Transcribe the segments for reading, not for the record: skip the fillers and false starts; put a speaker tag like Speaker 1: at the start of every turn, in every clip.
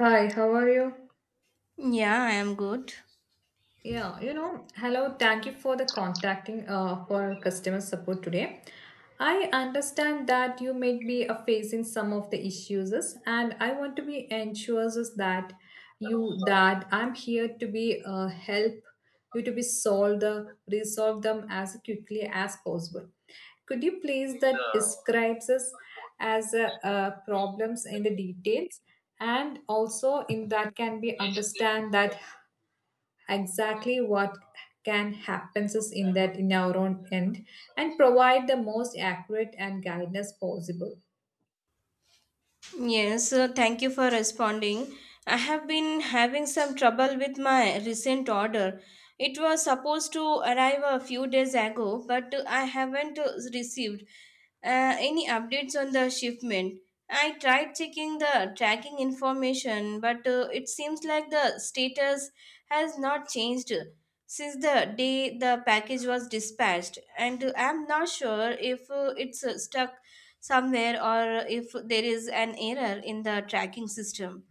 Speaker 1: Hi, how are you?
Speaker 2: Yeah, I am good.
Speaker 1: Yeah, you know, hello, thank you for the contacting for customer support today. I understand that you may be facing some of the issues and I want to be ensures is that you that I'm here to be help you to be solve the resolve them as quickly as possible. Could you please that describes us as problems in the details and also in that can be understand that exactly what can happen is in that in our own end and provide the most accurate and guidance possible.
Speaker 2: Yes, thank you for responding. I have been having some trouble with my recent order. It was supposed to arrive a few days ago, but I haven't received． Any updates on the shipment? I tried checking the tracking information, but it seems like the status has not changed since the day the package was dispatched, and I'm not sure if it's stuck somewhere or if there is an error in the tracking system.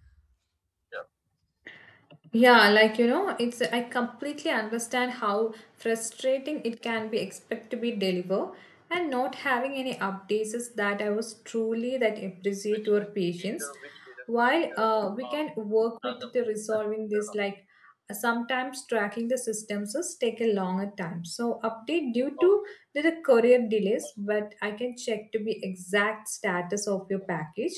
Speaker 1: Yeah, like you know, it's I completely understand how frustrating it can be expect to be deliver and not having any updates is that I was truly that appreciate your patience. While we can work with the resolving this, like sometimes tracking the systems is take a longer time. So update due to the courier delays, but I can check to be exact status of your package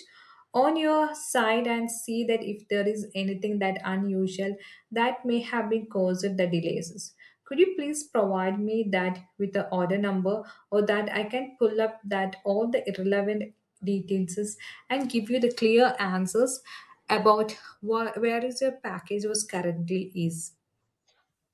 Speaker 1: on your side and see that if there is anything that unusual that may have been caused the delays. Could you please provide me that with the order number or that I can pull up that all the irrelevant details and give you the clear answers about where is your package was currently is?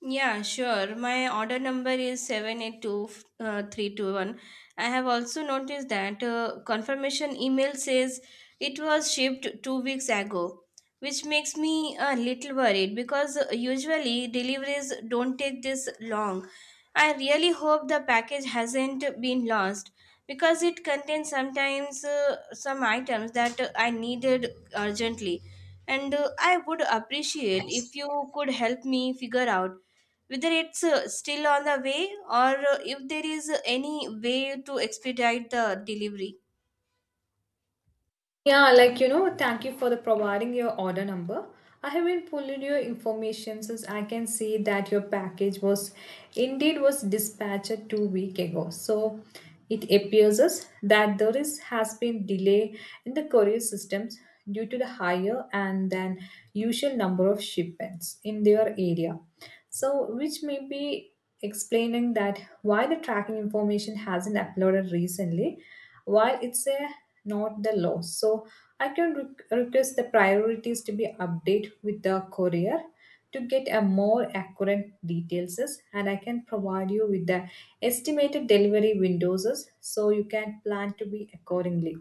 Speaker 2: Yeah, sure. My order number is 782321. I have also noticed that confirmation email says it was shipped 2 weeks ago, which makes me a little worried because usually deliveries don't take this long. I really hope the package hasn't been lost because it contains sometimes some items that I needed urgently. And I would appreciate if you could help me figure out whether it's still on the way or if there is any way to expedite the delivery.
Speaker 1: Yeah, like you know, thank you for the providing your order number. I have been pulling your information since I can see that your package was indeed was dispatched 2 week ago. So it appears us that there is has been delay in the courier systems due to the higher and than usual number of shipments in their area. So which may be explaining that why the tracking information hasn't uploaded recently while it's a not the law. So I can request the priorities to be updated with the courier to get a more accurate details and I can provide you with the estimated delivery windows so you can plan to be accordingly.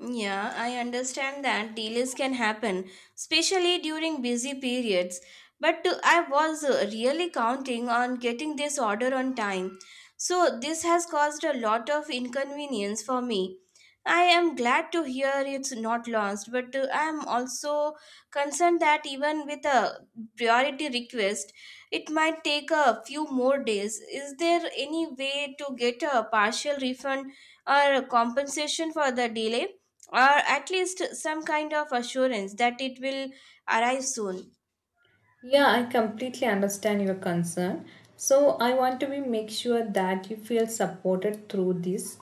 Speaker 2: Yeah, I understand that delays can happen, especially during busy periods. But I was really counting on getting this order on time. So, this has caused a lot of inconvenience for me. I am glad to hear it's not lost, but I am also concerned that even with a priority request, it might take a few more days. Is there any way to get a partial refund or compensation for the delay, or at least some kind of assurance that it will arrive soon?
Speaker 1: Yeah, I completely understand your concern. So I want to be make sure that you feel supported through this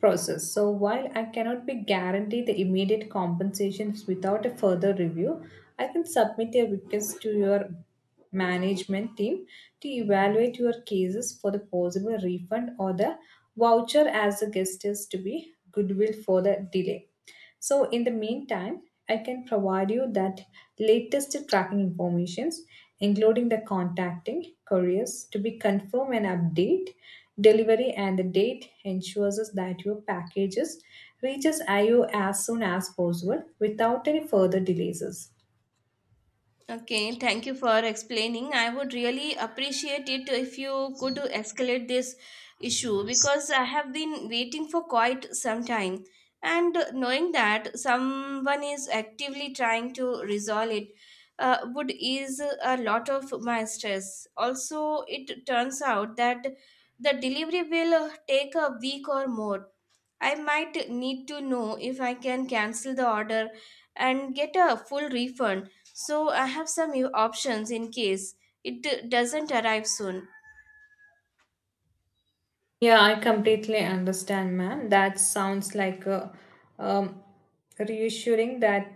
Speaker 1: process. So while I cannot be guaranteed the immediate compensations without a further review, I can submit a request to your management team to evaluate your cases for the possible refund or the voucher as the guest is to be goodwill for the delay. So in the meantime, I can provide you that latest tracking informations, including the contacting couriers to be confirm and update delivery and the date ensures us that your packages reaches IO as soon as possible without any further delays.
Speaker 2: Okay, thank you for explaining. I would really appreciate it if you could escalate this issue because I have been waiting for quite some time. And knowing that someone is actively trying to resolve it would ease a lot of my stress. Also, it turns out that the delivery will take a week or more. I might need to know if I can cancel the order and get a full refund so I have some new options in case it doesn't arrive soon.
Speaker 1: Yeah, I completely understand, ma'am. That sounds like a um, reassuring that,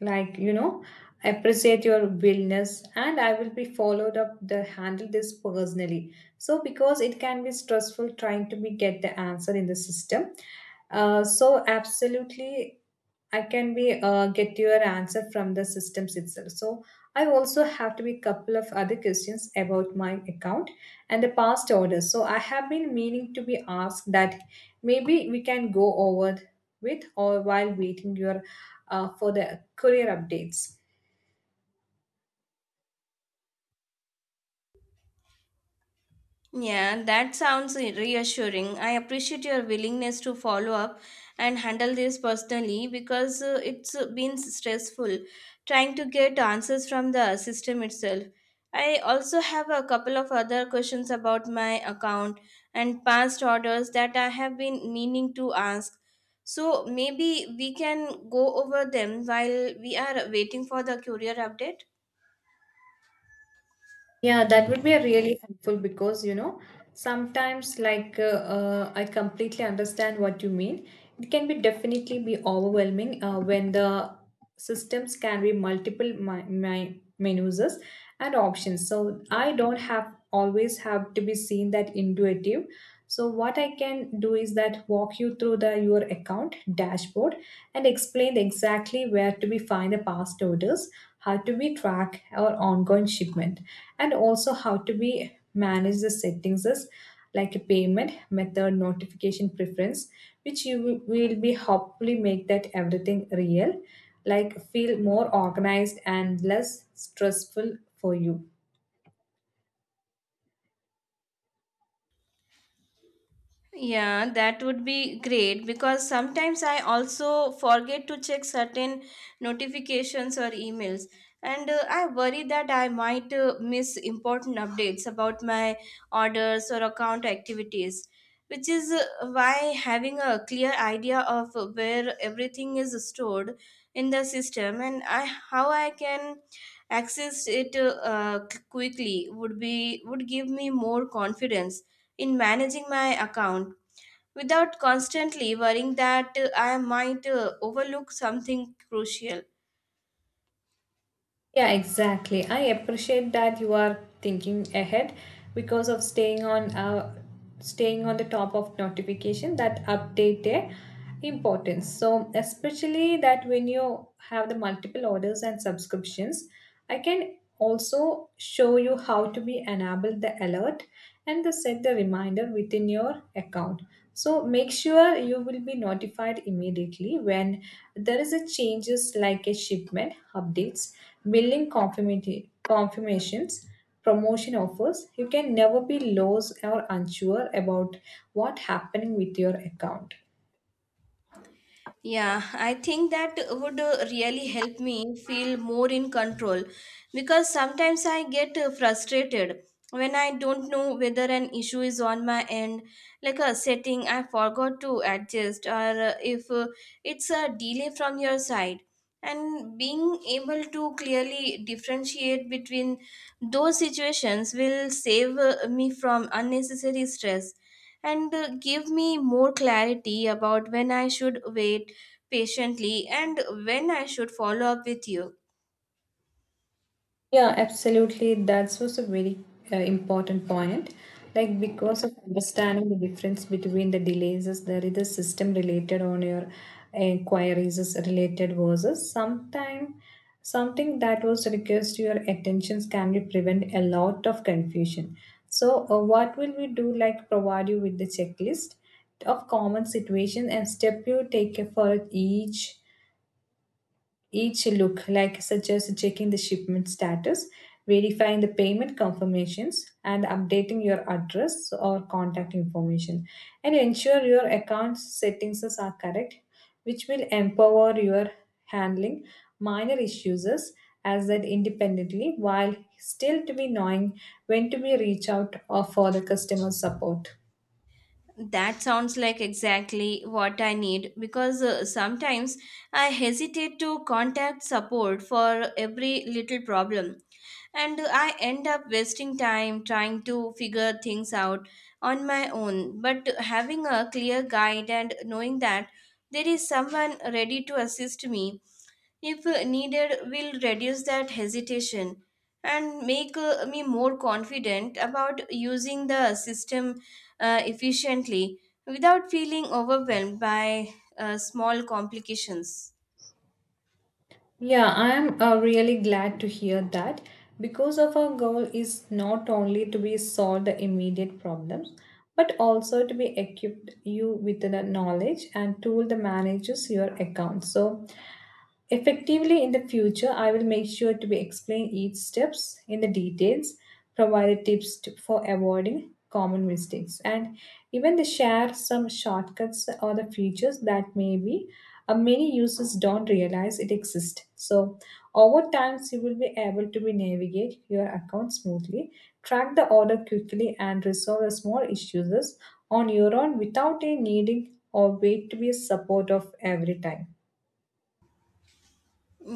Speaker 1: like you know, appreciate your willingness and I will be followed up the handle this personally so because it can be stressful trying to be get the answer in the system. So absolutely I can be get your answer from the systems itself. So I also have to be couple of other questions about my account and the past orders, so I have been meaning to be asked that maybe we can go over with or while waiting your for the career updates.
Speaker 2: Yeah, that sounds reassuring. I appreciate your willingness to follow up and handle this personally because it's been stressful trying to get answers from the system itself. I also have a couple of other questions about my account and past orders that I have been meaning to ask. So maybe we can go over them while we are waiting for the courier update.
Speaker 1: Yeah, that would be a really helpful because you know sometimes like I completely understand what you mean. It can be definitely be overwhelming when the systems can be multiple my menus and options. So I don't have always have to be seen that intuitive. So what I can do is that walk you through the your account dashboard and explain exactly where to be find the past orders, how to be track our ongoing shipment and also how to be manage the settings is like a payment method notification preference which you will be hopefully make that everything real, like feel more organized and less stressful for you.
Speaker 2: Yeah, that would be great because sometimes I also forget to check certain notifications or emails, and I worry that I might miss important updates about my orders or account activities, which is why having a clear idea of where everything is stored in the system and how I can access it quickly would be would give me more confidence in managing my account without constantly worrying that I might overlook something crucial.
Speaker 1: Yeah, exactly. I appreciate that you are thinking ahead because of staying on staying on the top of notification that update their importance. So especially that when you have the multiple orders and subscriptions, I can also show you how to be enable the alert and the set the reminder within your account. So make sure you will be notified immediately when there is a changes like a shipment, updates, billing confirmations, promotion offers. You can never be lost or unsure about what happening with your account.
Speaker 2: Yeah, I think that would really help me feel more in control because sometimes I get frustrated when I don't know whether an issue is on my end, like a setting I forgot to adjust, or if it's a delay from your side. And being able to clearly differentiate between those situations will save me from unnecessary stress and give me more clarity about when I should wait patiently and when I should follow up with you.
Speaker 1: Yeah, absolutely. That was a very important point. Like because of understanding the difference between the delays, is there is a system related on your inquiries is related versus sometime something that was requires to your attentions can be prevent a lot of confusion. So what will we do? Like provide you with the checklist of common situation and step you take for each look like such as checking the shipment status, verifying the payment confirmations, and updating your address or contact information. And ensure your account settings are correct, which will empower your handling minor issues as that independently while still to be knowing when to be reach out or for the customer support.
Speaker 2: That sounds like exactly what I need because sometimes I hesitate to contact support for every little problem and I end up wasting time trying to figure things out on my own. But having a clear guide and knowing that there is someone ready to assist me if needed, will reduce that hesitation and make me more confident about using the system efficiently without feeling overwhelmed by small complications.
Speaker 1: Yeah, I'm really glad to hear that because of our goal is not only to be solve the immediate problems but also to be equipped you with the knowledge and tool to manages your account. So effectively, in the future, I will make sure to be explain each steps in the details, provide tips to, for avoiding common mistakes, and even they share some shortcuts or the features that maybe many users don't realize it exists. So, over time, you will be able to be navigate your account smoothly, track the order quickly, and resolve the small issues on your own without a needing or wait to be support of every time.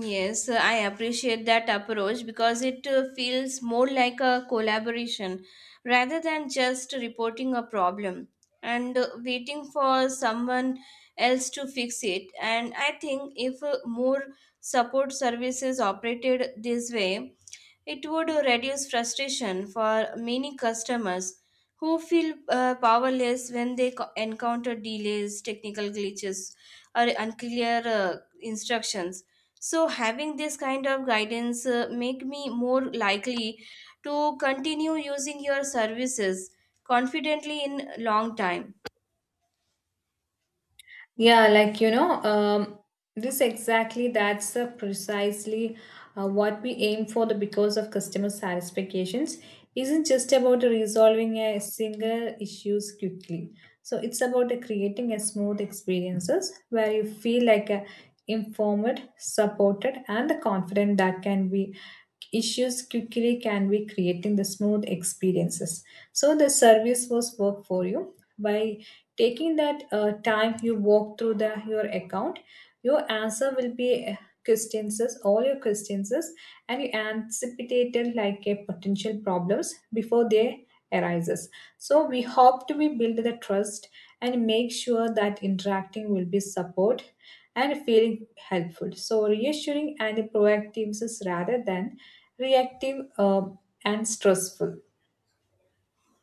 Speaker 2: Yes, I appreciate that approach because it feels more like a collaboration rather than just reporting a problem and waiting for someone else to fix it. And I think if more support services operated this way, it would reduce frustration for many customers who feel powerless when they encounter delays, technical glitches, or unclear instructions. So, having this kind of guidance make me more likely to continue using your services confidently in long time.
Speaker 1: Yeah, like you know, this exactly that's precisely what we aim for. The because of customer satisfactions isn't just about resolving a single issues quickly. So it's about creating a smooth experiences where you feel like informed, supported, and the confident that can be issues quickly can be creating the smooth experiences. So the service was work for you by taking that time you walk through the your account, your answer will be questions all your questions and you anticipated like a potential problems before they arises. So we hope to be build the trust and make sure that interacting will be support and feeling helpful, so reassuring and proactive is rather than reactive and stressful.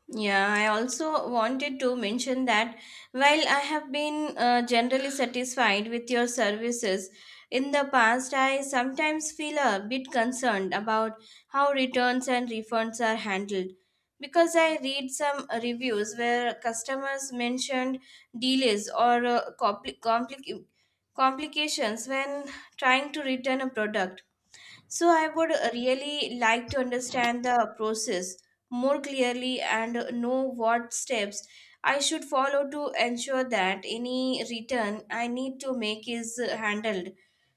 Speaker 2: Yeah, I also wanted to mention that while I have been generally satisfied with your services in the past, I sometimes feel a bit concerned about how returns and refunds are handled because I read some reviews where customers mentioned delays or complications when trying to return a product, so I would really like to understand the process more clearly and know what steps I should follow to ensure that any return I need to make is handled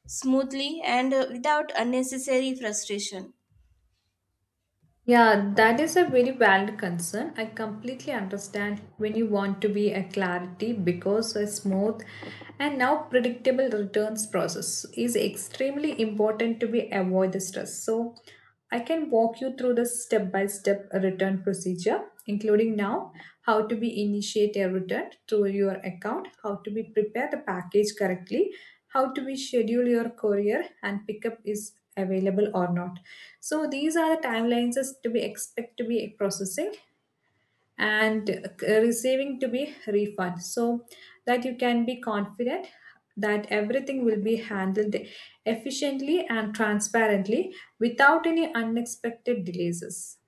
Speaker 2: smoothly and without unnecessary frustration.
Speaker 1: Yeah, that is a very valid concern. I completely understand when you want to be a clarity because a smooth and now predictable returns process is extremely important to be avoid the stress. So I can walk you through the step by step return procedure, including now how to be initiate a return through your account, how to be prepare the package correctly, how to be schedule your courier and pickup is available or not, so these are the timelines is to be expect to be processing and receiving to be refund so that you can be confident that everything will be handled efficiently and transparently without any unexpected delays.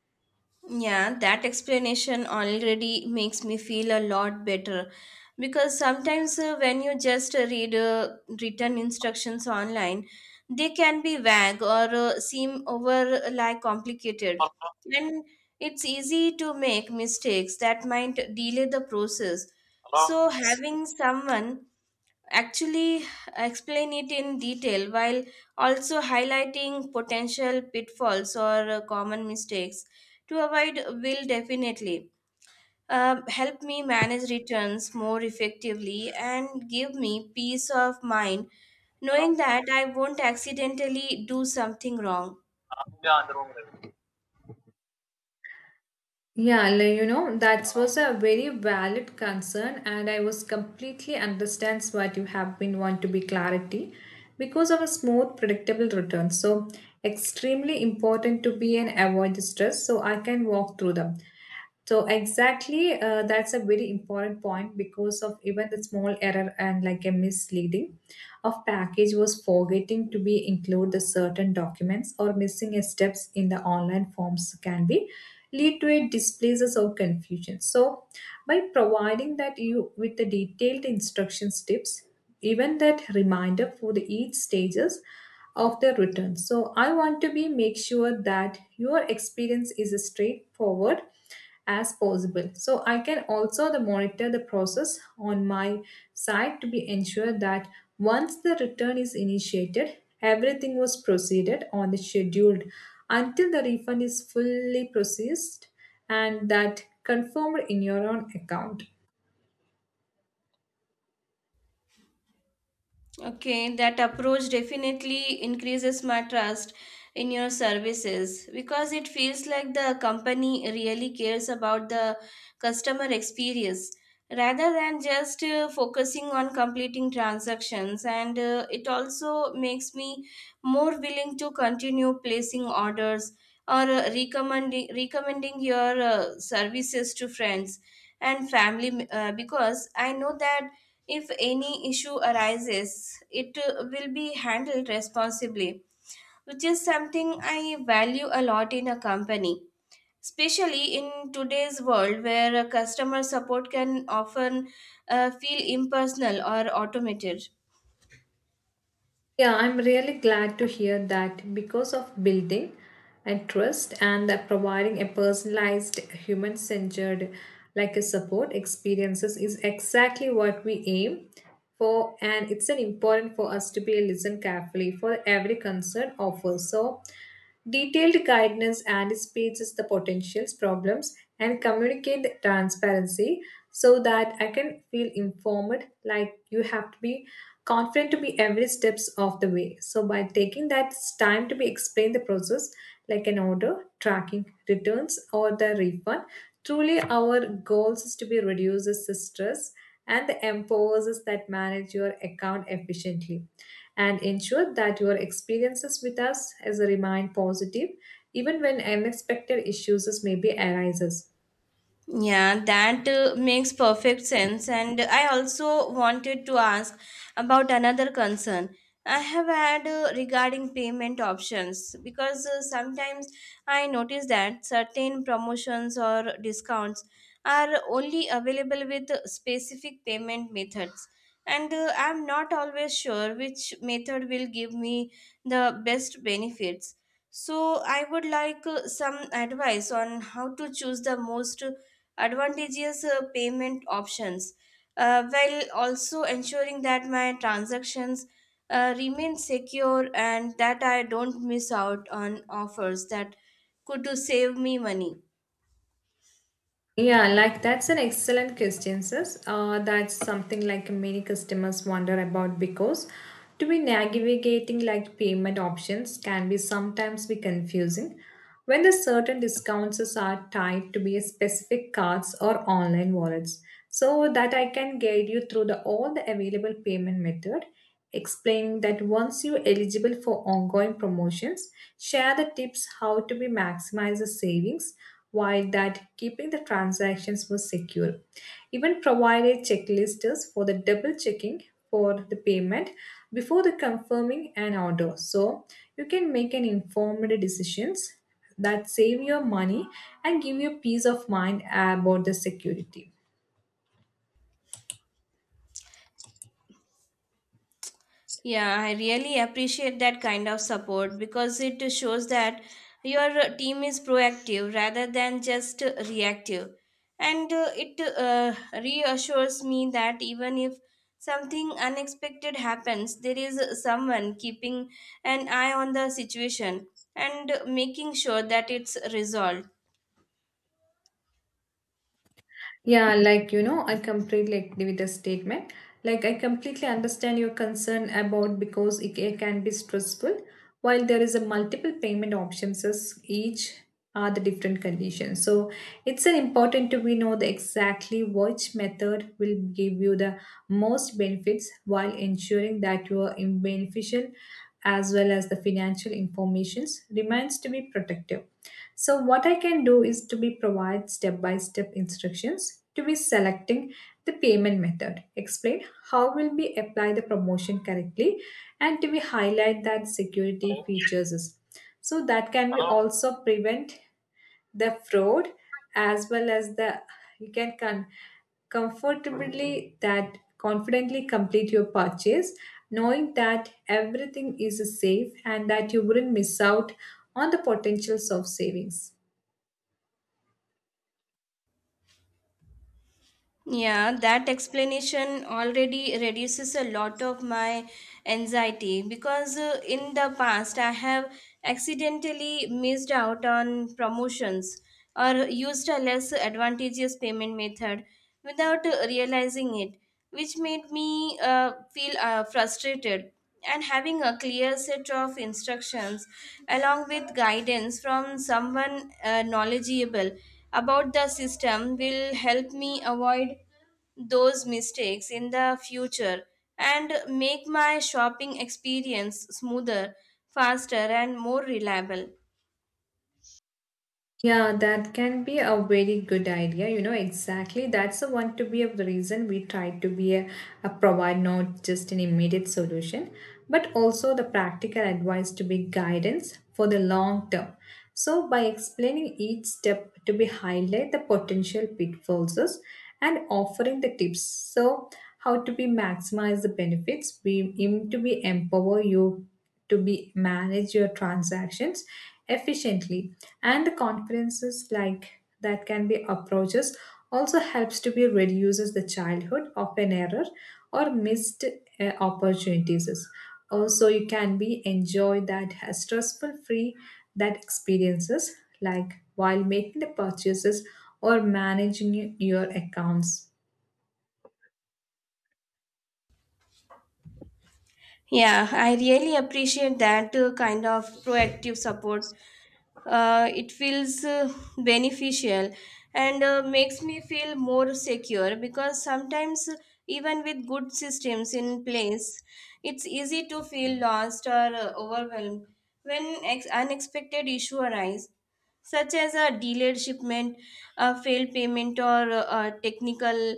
Speaker 2: Yeah, that explanation already makes me feel a lot better because sometimes when you just read written instructions online, they can be vague or seem over like complicated. And it's easy to make mistakes that might delay the process. So having someone actually explain it in detail while also highlighting potential pitfalls or common mistakes to avoid will definitely help me manage returns more effectively and give me peace of mind knowing that I won't accidentally do something wrong.
Speaker 1: Yeah, like, you know, that was a very valid concern, and I was completely understands what you have been want to be clarity because of a smooth, predictable return. So extremely important to be and avoid the stress, so I can walk through them. So exactly, that's a very important point because of even the small error and like a misleading of package was forgetting to be include the certain documents or missing a steps in the online forms can be lead to a displaces or confusion. So by providing that you with the detailed instructions tips, even that reminder for the each stages of the return, so I want to be make sure that your experience is straightforward as possible. So I can also the monitor the process on my side to be ensured that once the return is initiated everything was proceeded on the scheduled until the refund is fully processed and that confirmed in your own account.
Speaker 2: Okay, that approach definitely increases my trust in your services because it feels like the company really cares about the customer experience rather than just focusing on completing transactions. And it also makes me more willing to continue placing orders or recommending your services to friends and family because I know that if any issue arises, it will be handled responsibly, which is something I value a lot in a company, especially in today's world where customer support can often feel impersonal or automated.
Speaker 1: Yeah, I'm really glad to hear that because of building and trust and that providing a personalized, human centered, like a support experiences is exactly what we aim for. And it's an important for us to be listen carefully for every concern offer. So, detailed guidance anticipates the potentials, problems, and communicate the transparency so that I can feel informed. Like you have to be confident to be every steps of the way. So by taking that time to be explain the process, like an order, tracking, returns, or the refund, truly our goals is to be reduces the stress and the empowers us that manage your account efficiently and ensure that your experiences with us as a remain positive even when unexpected issues may be arises.
Speaker 2: Yeah, that makes perfect sense. And I also wanted to ask about another concern I have had regarding payment options because sometimes I notice that certain promotions or discounts are only available with specific payment methods. And I'm not always sure which method will give me the best benefits, so I would like some advice on how to choose the most advantageous payment options while also ensuring that my transactions remain secure and that I don't miss out on offers that could save me money.
Speaker 1: Yeah, like that's an excellent question, sis. That's something like many customers wonder about because to be navigating like payment options can be sometimes be confusing when the certain discounts are tied to be a specific cards or online wallets. So that I can guide you through the all the available payment method, explaining that once you're eligible for ongoing promotions, share the tips how to be maximize the savings while that keeping the transactions was secure. Even provided checklists for the double checking for the payment before the confirming an order. So you can make an informed decisions that save your money and give you peace of mind about the security.
Speaker 2: Yeah, I really appreciate that kind of support because it shows that your team is proactive rather than just reactive. And it reassures me that even if something unexpected happens, there is someone keeping an eye on the situation and making sure that it's resolved.
Speaker 1: Yeah, I completely agree with the statement. Like I completely understand your concern about because it can be stressful. While there is a multiple payment options, as each are the different conditions. So it's an important to we know the exactly which method will give you the most benefits while ensuring that your beneficial as well as the financial informations remains to be protected. So what I can do is to be provide step-by-step instructions to be selecting the payment method. Explain how will we apply the promotion correctly and to be highlight that security features. So that can be also prevent the fraud as well as the you can con- comfortably that confidently complete your purchase, knowing that everything is safe and that you wouldn't miss out on the potentials of savings.
Speaker 2: Yeah, that explanation already reduces a lot of my anxiety because in the past I have accidentally missed out on promotions or used a less advantageous payment method without realizing it, which made me feel frustrated. And having a clear set of instructions along with guidance from someone knowledgeable about the system will help me avoid those mistakes in the future and make my shopping experience smoother, faster, and more reliable.
Speaker 1: Yeah, that can be a very good idea. You know, exactly. That's the one to be of the reason we try to be a provide not just an immediate solution, but also the practical advice to be guidance for the long term. So by explaining each step to be highlight the potential pitfalls and offering the tips. So how to be maximize the benefits, we aim to be empower you to be manage your transactions efficiently and the conferences like that can be approaches also helps to be reduces the childhood of an error or missed opportunities, also you can be enjoy that stressful free that experiences like while making the purchases or managing your accounts.
Speaker 2: Yeah, I really appreciate that kind of proactive support. It feels beneficial and makes me feel more secure because sometimes, even with good systems in place, it's easy to feel lost or overwhelmed when unexpected issue arise such as a delayed shipment, a failed payment, or a technical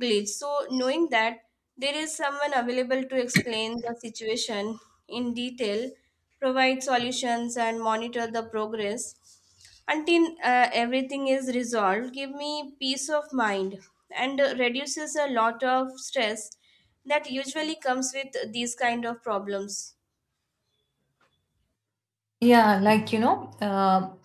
Speaker 2: glitch. So, knowing that there is someone available to explain the situation in detail, provide solutions, and monitor the progress until everything is resolved, give me peace of mind and reduces a lot of stress that usually comes with these kind of problems.
Speaker 1: Yeah, um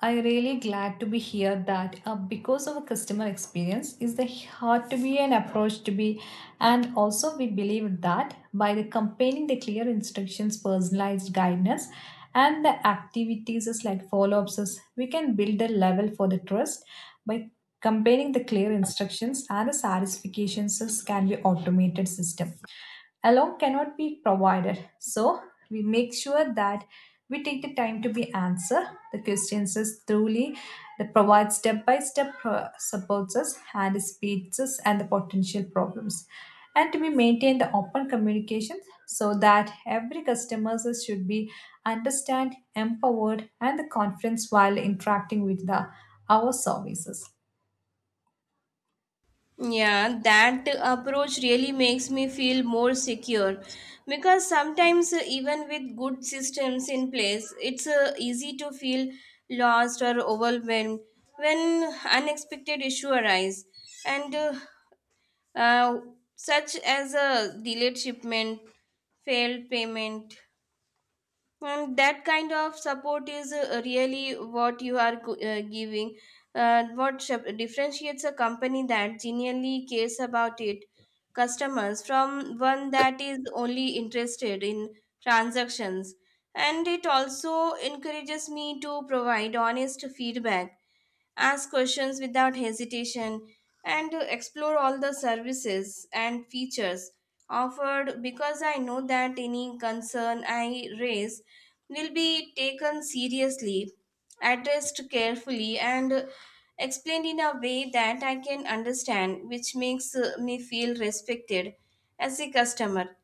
Speaker 1: I really glad to be here that because of a customer experience is the hard to be an approach to be, and also we believe that by the comparing the clear instructions personalized guidance and the activities is like follow-ups is, we can build a level for the trust by comparing the clear instructions and the satisfactions is can be automated system alone cannot be provided. So we make sure that we take the time to be answer the questions as thoroughly, that provides step by step supports us and speeds us and the potential problems, and we maintain the open communication so that every customer should be understand empowered and the confidence while interacting with the our services.
Speaker 2: Yeah, that approach really makes me feel more secure because sometimes, even with good systems in place, it's easy to feel lost or overwhelmed when unexpected issue arise and uh, such as a delayed shipment, failed payment, and that kind of support is really what you are giving. What differentiates a company that genuinely cares about its customers from one that is only interested in transactions. And it also encourages me to provide honest feedback, ask questions without hesitation, and to explore all the services and features offered because I know that any concern I raise will be taken seriously, addressed carefully, and explained in a way that I can understand, which makes me feel respected as a customer.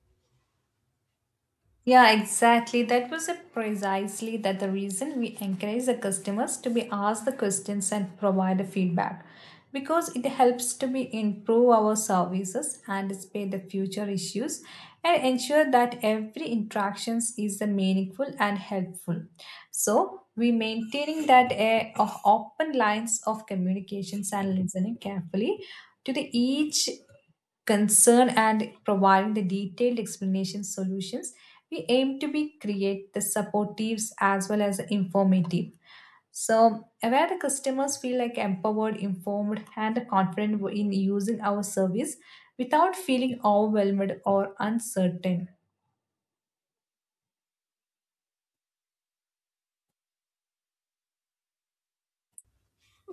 Speaker 1: Yeah, exactly. That was it precisely that the reason we encourage the customers to be asked the questions and provide the feedback, because it helps to be improve our services, anticipate the future issues, and ensure that every interactions is the meaningful and helpful. So we maintaining that a of open lines of communications and listening carefully to the each concern and providing the detailed explanation solutions, we aim to be create the supportives as well as the informative, so where the customers feel like empowered informed and confident in using our service without feeling overwhelmed or uncertain.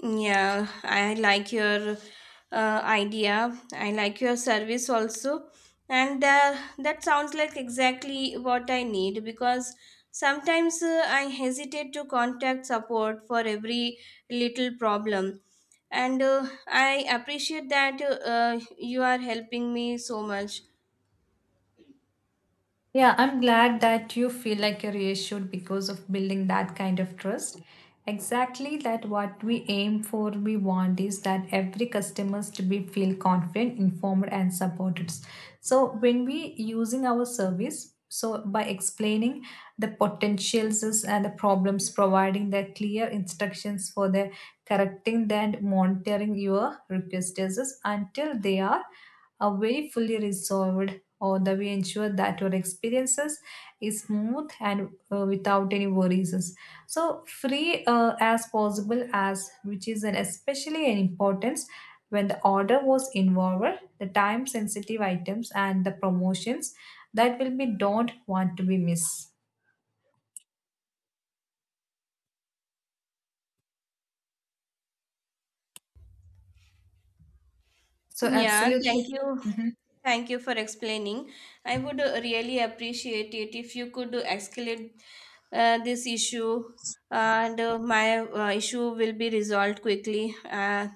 Speaker 2: Yeah, I like your idea. I like your service also. And that sounds like exactly what I need because sometimes I hesitate to contact support for every little problem. And I appreciate that you are helping me so much.
Speaker 1: Yeah, I'm glad that you feel like you're reassured because of building that kind of trust. Exactly that what we aim for, we want is that every customers to be feel confident, informed and supported. So when we using our service, so by explaining the potentials and the problems, providing the clear instructions for the correcting and monitoring your requests until they are very fully resolved or the way ensure that your experiences is smooth and without any worries so free as possible as, which is an especially an importance when the order was involved the time sensitive items and the promotions that will be don't want to be missed, so
Speaker 2: Yeah, thank
Speaker 1: absolutely.
Speaker 2: you.
Speaker 1: Mhm.
Speaker 2: Thank you for explaining. I would really appreciate it if you could escalate this issue, and my issue will be resolved quickly. Uh,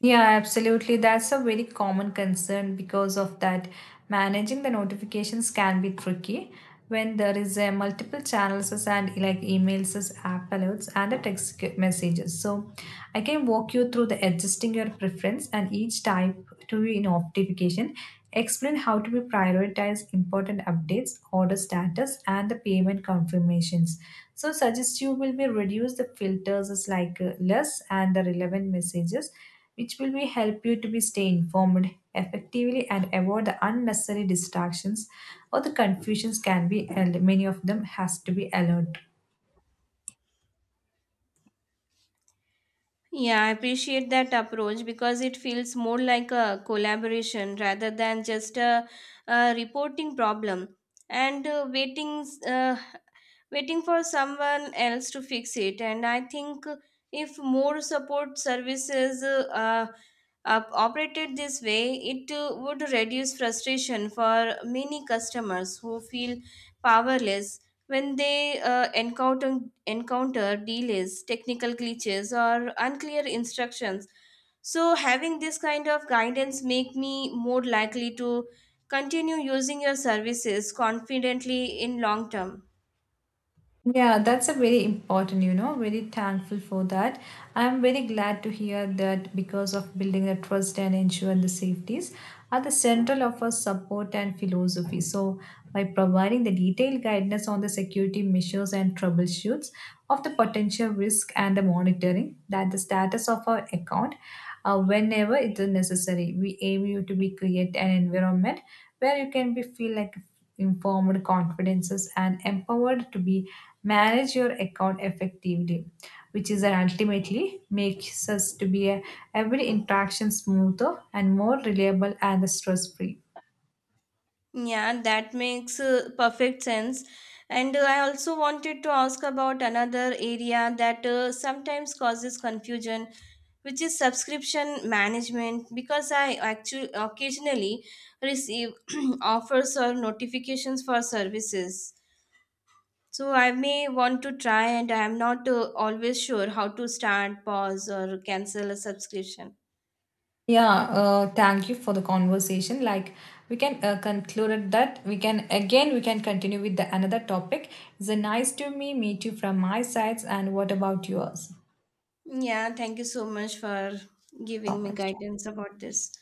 Speaker 1: Yeah, absolutely. That's a very common concern because of that. Managing the notifications can be tricky when there is a multiple channels as and like emails, as app alerts, and the text messages. So I can walk you through the adjusting your preference and each type to be notification. Explain how to be prioritize important updates, order status, and the payment confirmations. So suggest you will be reduce the filters as like less and the relevant messages, which will be help you to be stay informed effectively and avoid the unnecessary distractions or the confusions can be and many of them has to be allowed.
Speaker 2: yeah, I appreciate that approach because it feels more like a collaboration rather than just a reporting problem. And waiting for someone else to fix it. And I think if more support services operated this way, it would reduce frustration for many customers who feel powerless when they encounter delays, technical glitches, or unclear instructions. So having this kind of guidance make me more likely to continue using your services confidently in long term.
Speaker 1: Yeah, that's a very important, you know, very thankful for that. I'm very glad to hear that because of building the trust and ensuring the safeties are the central of our support and philosophy. So by providing the detailed guidance on the security measures and troubleshoots of the potential risk and the monitoring that the status of our account, whenever it is necessary, we aim you to be create an environment where you can be feel like informed confidences and empowered to be manage your account effectively, which is that ultimately makes us to be every interaction smoother and more reliable and stress free.
Speaker 2: Yeah, that makes perfect sense. And I also wanted to ask about another area that sometimes causes confusion, which is subscription management. Because I actually occasionally receive offers or notifications for services. So I may want to try, and I am not always sure how to start, pause, or cancel a subscription.
Speaker 1: Yeah, thank you for the conversation. Like we can conclude that we can continue with the another topic. It's a nice to me meet you from my sides, and what about yours?
Speaker 2: Yeah, thank you so much for
Speaker 1: So
Speaker 2: giving me
Speaker 1: much.
Speaker 2: guidance about this.